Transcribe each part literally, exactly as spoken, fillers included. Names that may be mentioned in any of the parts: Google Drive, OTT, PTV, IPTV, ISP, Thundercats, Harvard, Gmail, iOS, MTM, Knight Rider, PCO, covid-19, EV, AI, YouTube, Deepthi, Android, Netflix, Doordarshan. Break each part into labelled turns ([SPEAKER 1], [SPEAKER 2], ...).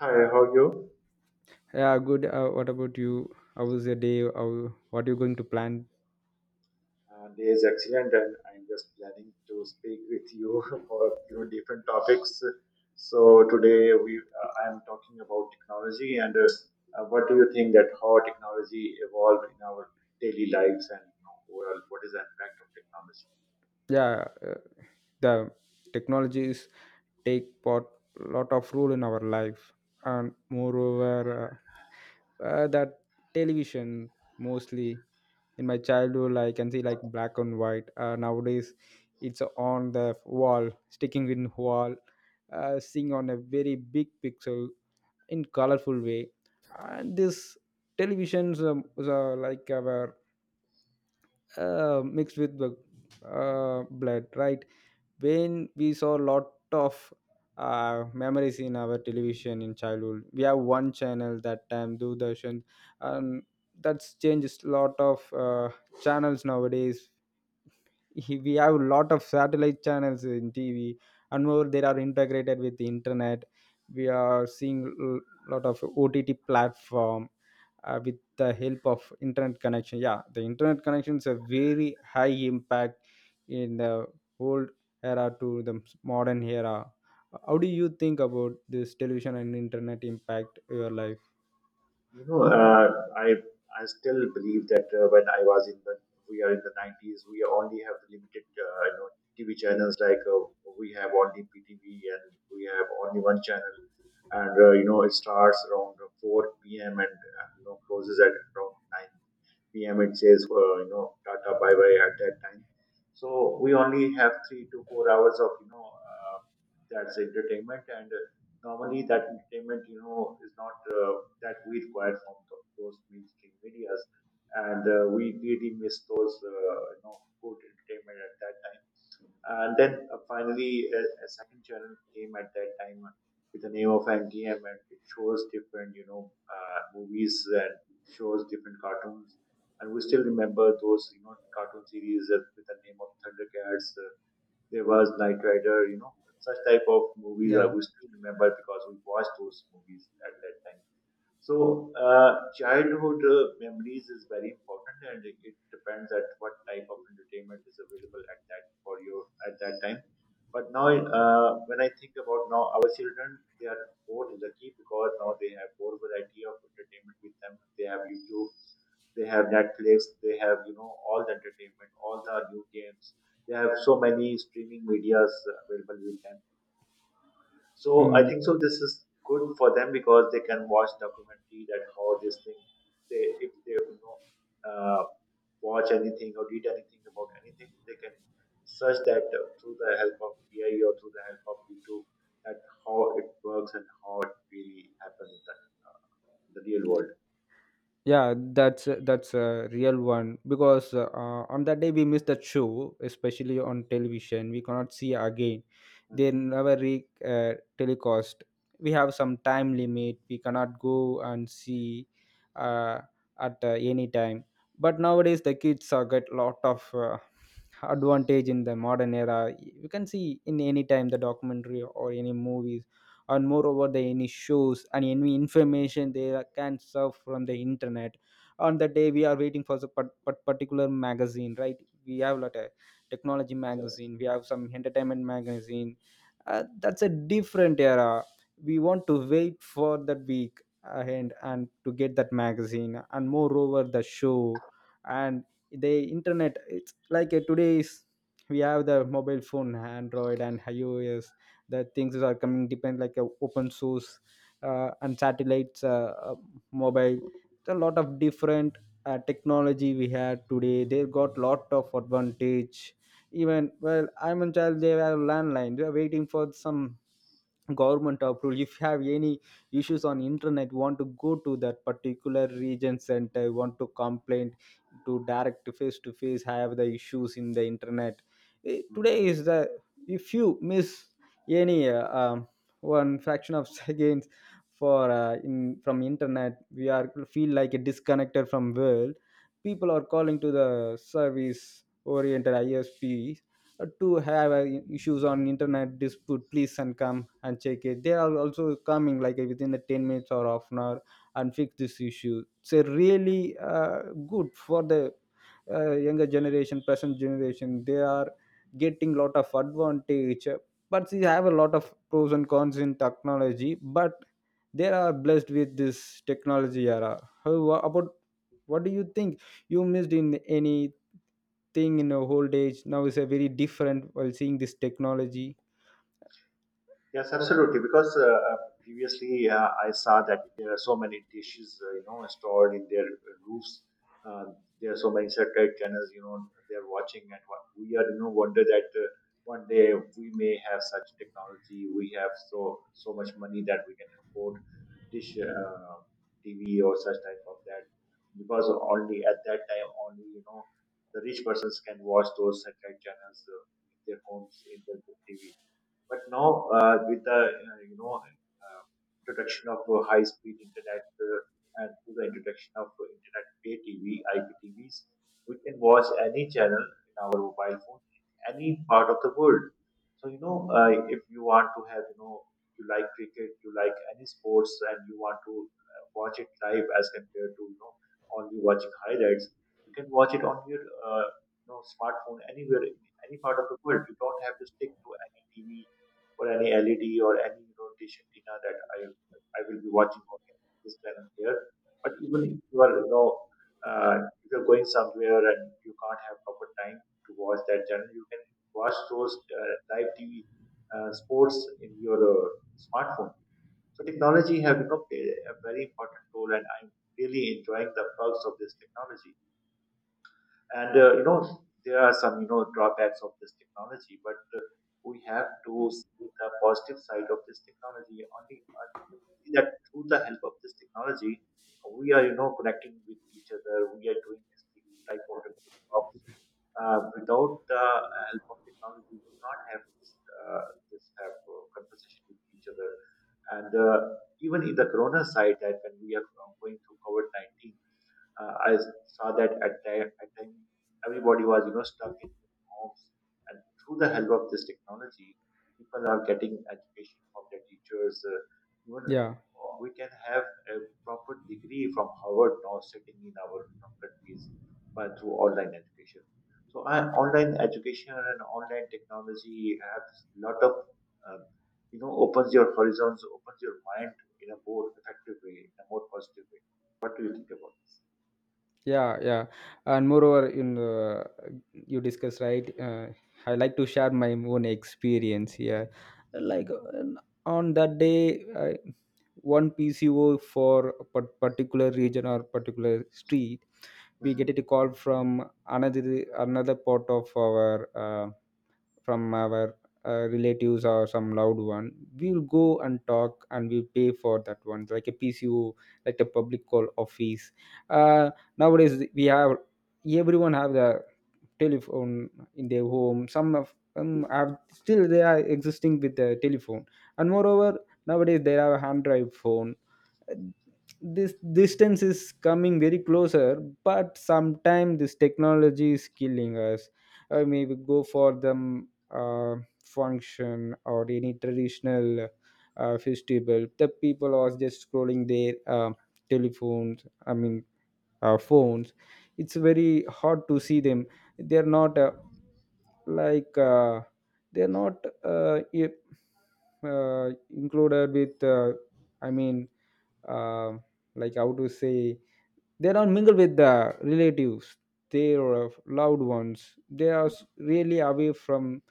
[SPEAKER 1] Hi, how are you?
[SPEAKER 2] Yeah, good. Uh, what about you? How was your day? How, what are you going to plan?
[SPEAKER 1] Uh, day is excellent, and I'm just planning to speak with you for you know different topics. So today we uh, I'm talking about technology and uh, uh, what do you think that how technology evolved in our daily lives and you know, overall what is the impact of technology?
[SPEAKER 2] yeah uh, the technologies take part lot of role in our life, and moreover uh, uh, that television, mostly in my childhood, I can see like black and white. Uh, nowadays it's on the wall, sticking in wall, uh, seeing on a very big pixel in colorful way. And this televisions um, is, uh, like our uh, mixed with the uh, blood, right? When we saw a lot of uh, memories in our television in childhood, we have one channel that time, Doordarshan. And that's changed a lot of uh, channels nowadays. We have a lot of satellite channels in T V, and more, they are integrated with the internet. We are seeing a lot of O T T platform uh, with the help of internet connection. Yeah, the internet connection is a very high impact in the old era to the modern era. How do you think about this television and internet impact your life?
[SPEAKER 1] You know, uh, I I still believe that uh, when I was in the we are in the nineties, we only have limited uh, you know T V channels like uh, we have only P T V and we have only one channel, and uh, you know it starts around four p m and uh, you know closes at around nine p m. It says uh, you know Tata bye bye at that time, so we only have three to four hours of you know uh, that's entertainment and. uh, normally that entertainment you know is not uh, that we require from th- those mainstream medias and uh, we really miss those uh, you know good entertainment at that time, and then uh, finally a, a second channel came at that time uh, with the name of M T M, and it shows different you know uh, movies and shows different cartoons, and we still remember those you know cartoon series that- with the name of Thundercats. Uh, there was Knight Rider, you know, such type of movies I
[SPEAKER 2] Yeah.
[SPEAKER 1] we still remember because we watched those movies at that time. So, uh, childhood uh, memories is very important, and it it depends at what type of entertainment is available at that for you at that time. But now, uh, when I think about now, our children, they are more lucky because now they have more variety of entertainment with them. They have YouTube, they have Netflix, they have you know all the entertainment, all the new games. They have so many streaming medias available with them, so
[SPEAKER 2] Hmm,
[SPEAKER 1] I think so. This is good for them because they can watch documentary that how this thing they, if they you know uh, watch anything or read anything about anything, they can search that uh, through the help of A I or through the help of YouTube, that how it works and how it really happens in the, in the real world.
[SPEAKER 2] yeah that's that's a real one, because uh, on that day we missed that show, especially on television, we cannot see again,
[SPEAKER 1] Hmm.
[SPEAKER 2] they never re uh, telecast. We have some time limit, we cannot go and see uh, at uh, any time. But nowadays the kids are get lot of uh, advantage in the modern era, you can see in any time the documentary or any movies, and moreover the any shows and any information, they can serve from the internet. On the day we are waiting for the par par particular magazine, right? We have lot of technology
[SPEAKER 1] Yes.
[SPEAKER 2] magazine, we have some entertainment magazine. Uh, that's a different era. We want to wait for that week ahead and to get that magazine and moreover the show. And the internet, it's like a today's, we have the mobile phone, Android and iOS. The things are coming depend like a open source, uh, and satellites, uh, uh, mobile, a lot of different uh, technology we have today. They got lot of advantage, even well I'm a child they have landline, they are waiting for some government approval. If you have any issues on internet, want to go to that particular region center, want to complain to direct face to face, have the issues in the internet. Eh,
[SPEAKER 1] Hmm.
[SPEAKER 2] today is the, if you miss any uh, um, one fraction of seconds for uh, in from internet, we are feel like a disconnected from world. People are calling to the service oriented ISP uh, to have uh, issues on internet dispute please, and come and check it. They are also coming like uh, within the ten minutes or half an hour and fix this issue, so really uh, good for the uh, younger generation, present generation. They are getting lot of advantage, but they have a lot of pros and cons in technology, but they are blessed with this technology era. How wha- about What do you think you missed in any thing in your old age now is a very different while seeing this technology?
[SPEAKER 1] Yes, absolutely. Because uh, uh, previously uh, I saw that there are so many dishes, uh, you know, stored in their roofs. Uh, there are so many satellite channels, you know, they are watching, and what we are, you know, wonder that uh, one day we may have such technology. We have so so much money that we can afford dish uh, T V or such type of that. Because only at that time, only you know, the rich persons can watch those satellite channels uh, in their homes, in their T V. But now, uh, with the uh, you know uh, introduction of uh, high-speed internet, uh, and through the introduction of uh, internet pay T V, I P T Vs, we can watch any channel in our mobile phone in any part of the world. So you know, uh, if you want to have you know you like cricket, you like any sports, and you want to uh, watch it live as compared to you know only watching highlights, you can watch it on your uh, you know smartphone anywhere in any part of the world. You don't have to stick to any T V or any L E D or any rotation dinner that I I will be watching on this channel here. But even if you are you know uh, if you're going somewhere and you can't have proper time to watch that channel, you can watch those uh, live T V uh, sports in your uh, smartphone. So technology have, you know, played a very important role, and I'm really enjoying the perks of this technology, and uh, you know there are some you know drawbacks of this technology, but uh, we have to see the positive side of this technology only uh, to see that through the help of this technology we are you know connecting with each other, we are doing this type of remote jobs. Uh, without the uh, help of technology we would not have this uh, this have uh, conversation with each other. And uh, even in the corona side, that when we are going through covid nineteen, uh, I saw that at time, at time everybody was, you know, stuck in their homes, and through the help of this technology, people are getting education from their teachers. Uh, even
[SPEAKER 2] Yeah.
[SPEAKER 1] uh, we can have a proper degree from Harvard now sitting in our, you know, countries by through online education. So uh, online education and online technology have lot of um, you know opens your horizons, opens your mind in a more effective way, in a more positive way. What do you think about this?
[SPEAKER 2] Yeah, yeah. And moreover, in uh, you discuss, right? Uh, I like to share my own experience here. Like uh, on that day, I, one P C O for a par- particular region or particular street, we
[SPEAKER 1] Mhm.
[SPEAKER 2] get a call from another another part of our uh, from our uh, relatives or some loved one, we'll go and talk and we'll pay for that one like a PCO, like the public call office. uh, Nowadays we have everyone have the telephone in their home, some of them are still they are existing with the telephone. And moreover nowadays there are hand drive phone, this distance is coming very closer, but sometimes this technology is killing us. Or maybe go for the mm, uh, function or any traditional uh, festival, the people are just scrolling their uh, telephones, I mean uh, phones. It's very hard to see them, they're not uh, like uh, they're not uh, i- uh, included with uh, I mean uh, like how to say, they don't mingle with the relatives, their loved ones, they are s-
[SPEAKER 1] Mhm.
[SPEAKER 2] really away from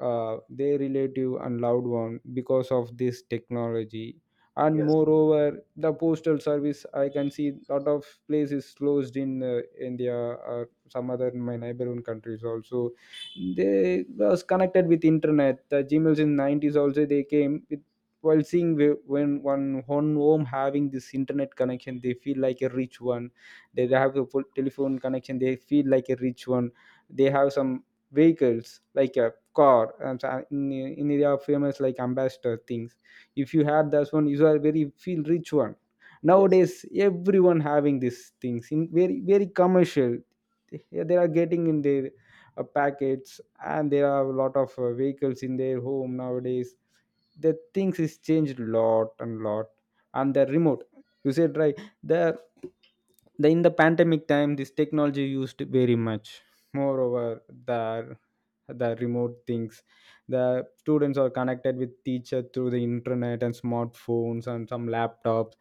[SPEAKER 2] uh, their relative and loved one because of this technology. And
[SPEAKER 1] Yes.
[SPEAKER 2] moreover the postal service, I can see lot of places closed in uh, India or some other in my neighborhood countries also. They was connected with internet, the Gmails in nineties also they came with, while seeing whe- when one one home having this internet connection, they feel like a rich one. They have a full telephone connection, they feel like a rich one. They have some vehicles like a car and so uh, in, in India, famous like Ambassador things, if you have that one, you are very feel rich one.
[SPEAKER 1] Yes.
[SPEAKER 2] Nowadays everyone having these things in very very commercial. Yeah, they are getting in their uh, packets, and there are a lot of uh, vehicles in their home nowadays. The things is changed lot and lot. And the remote, you said right, the the in the pandemic time this technology used very much. Moreover the the remote things, the students are connected with teacher through the internet and smartphones and some laptops.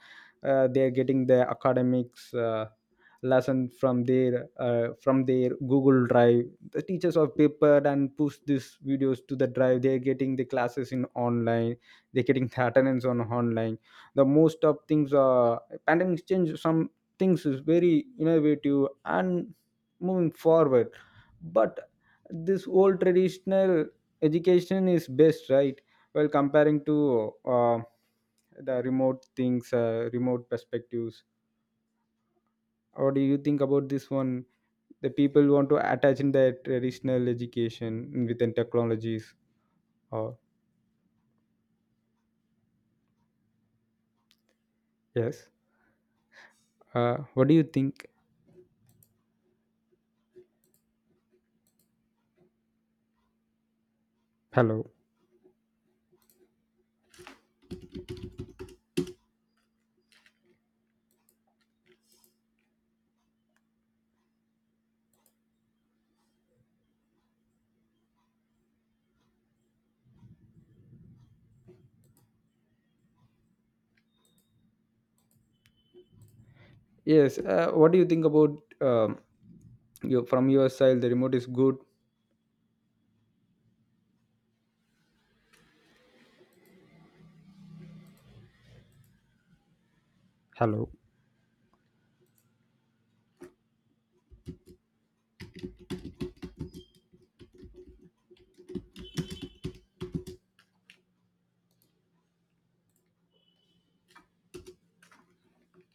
[SPEAKER 2] uh, They are getting their academics uh, lesson from their uh, from their Google Drive. The teachers are prepared and push these videos to the drive, they're getting the classes in online, they're getting the attendance on online. The most of things are, pandemics changed some, things is very innovative and moving forward. But this old traditional education is best, right? Well, comparing to uh, the remote things, uh, remote perspectives. What do you think about this one, the people want to attach in their traditional education within technologies, or yes, uh, what do you think? Hello? Yes. Uh, what do you think about um, you from your side? The remote is good. Hello.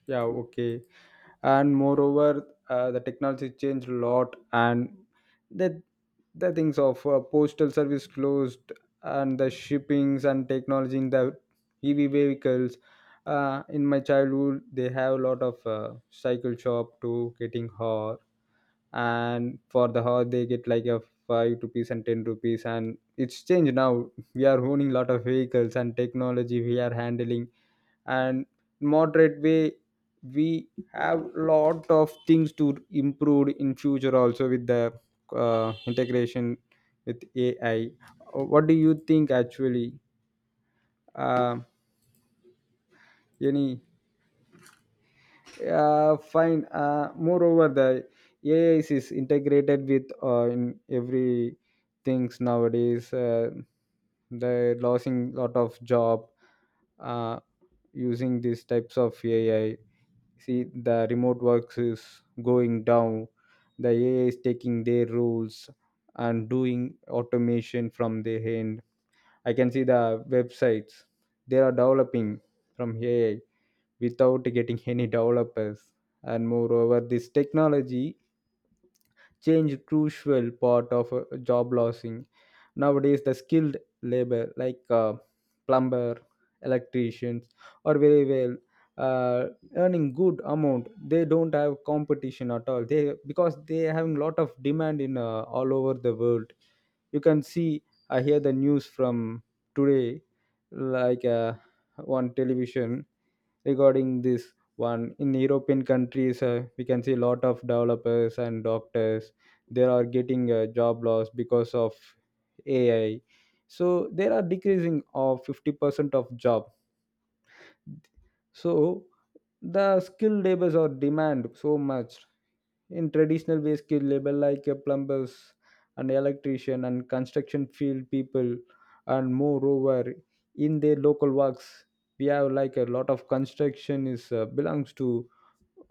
[SPEAKER 2] Yeah. Okay. And moreover, uh, the technology changed a lot, and the the things of uh, postal service closed, and the shippings and technology in the E V vehicles. Uh, in my childhood, they have a lot of uh, cycle shop to getting hot, and for the hour they get like a five rupees and ten rupees. And it's changed now, we are owning lot of vehicles and technology we are handling, and moderate way, we have lot of things to improve in future also with the uh, integration with AI. Uh, what do you think actually? Uh, any uh, Fine. Uh, moreover the AI is integrated with uh, in every things nowadays. Uh, they're losing lot of job uh, using these types of AI. See the remote works is going down, the AI is taking their roles and doing automation from their end. I can see the websites, they are developing from AI without getting any developers. And moreover, this technology changed crucial part of uh, job losing. Nowadays, the skilled labor like uh, plumber, electricians are very well uh, earning good amount. They don't have competition at all. They because they having lot of demand in uh, all over the world. You can see, I hear the news from today, like uh, on television, regarding this one, in European countries uh, we can see a lot of developers and doctors, they are getting a job loss because of AI. So there are decreasing of fifty percent of job. So the skilled labors are demand so much. In traditional way, skill label like a plumbers and electrician and construction field people. And moreover in their local works, we have like a lot of construction is uh, belongs to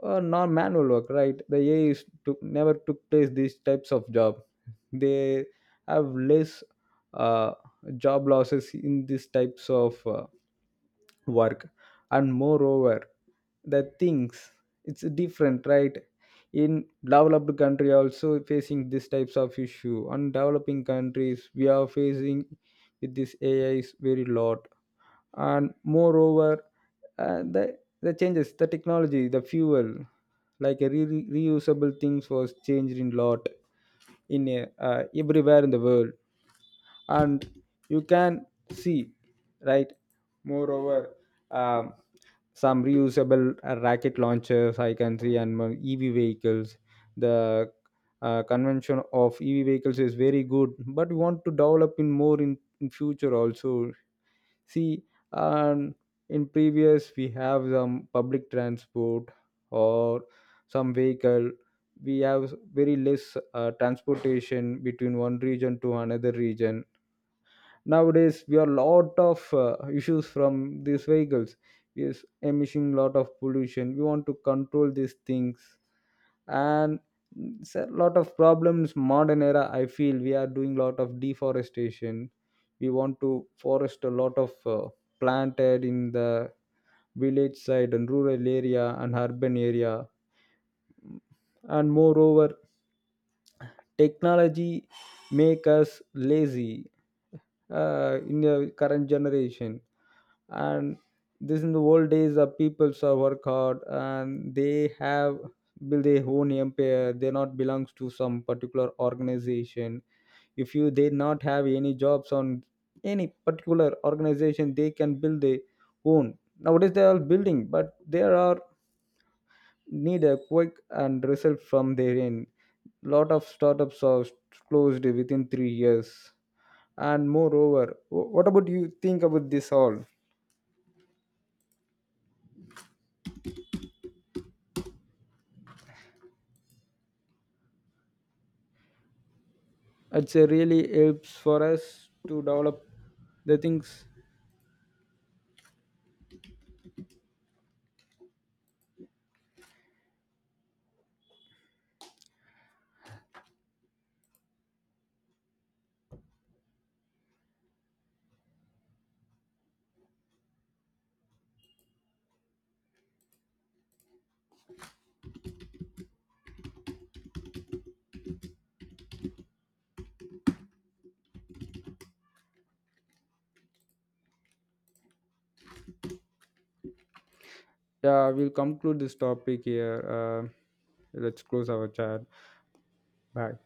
[SPEAKER 2] uh, non-manual work, right? The AI is to, never took place these types of job, they have less uh, job losses in these types of uh, work. And moreover the things, it's different, right? In developed country also facing these types of issue, on developing countries we are facing with this AI is very lot. And moreover uh, the the changes the technology the fuel like a re- reusable things was changed in lot in a, uh, everywhere in the world. And you can see, right? Moreover um, some reusable uh, rocket launchers I can see, and mo- EV vehicles. The uh, convention of EV vehicles is very good, but we want to develop in more in, in future also. See, and in previous we have some public transport or some vehicle. We have very less uh, transportation between one region to another region. Nowadays we are lot of uh, issues from these vehicles, is emitting lot of pollution, we want to control these things. And it's a lot of problems modern era, I feel we are doing lot of deforestation. We want to forest a lot of uh, planted in the village side and rural area and urban area. And moreover technology make us lazy uh, in the current generation. And this in the old days the peoples are work hard, and they have build their own empire, they not belongs to some particular organization. If you they not have any jobs on any particular organization, they can build their own. Nowadays they are building, but there are need a quick and result from their end, lot of startups are closed within three years. And moreover wh- what about you think about this all, it's a really helps for us to develop the things. Yeah, we'll conclude this topic here, uh, let's close our chat. Bye.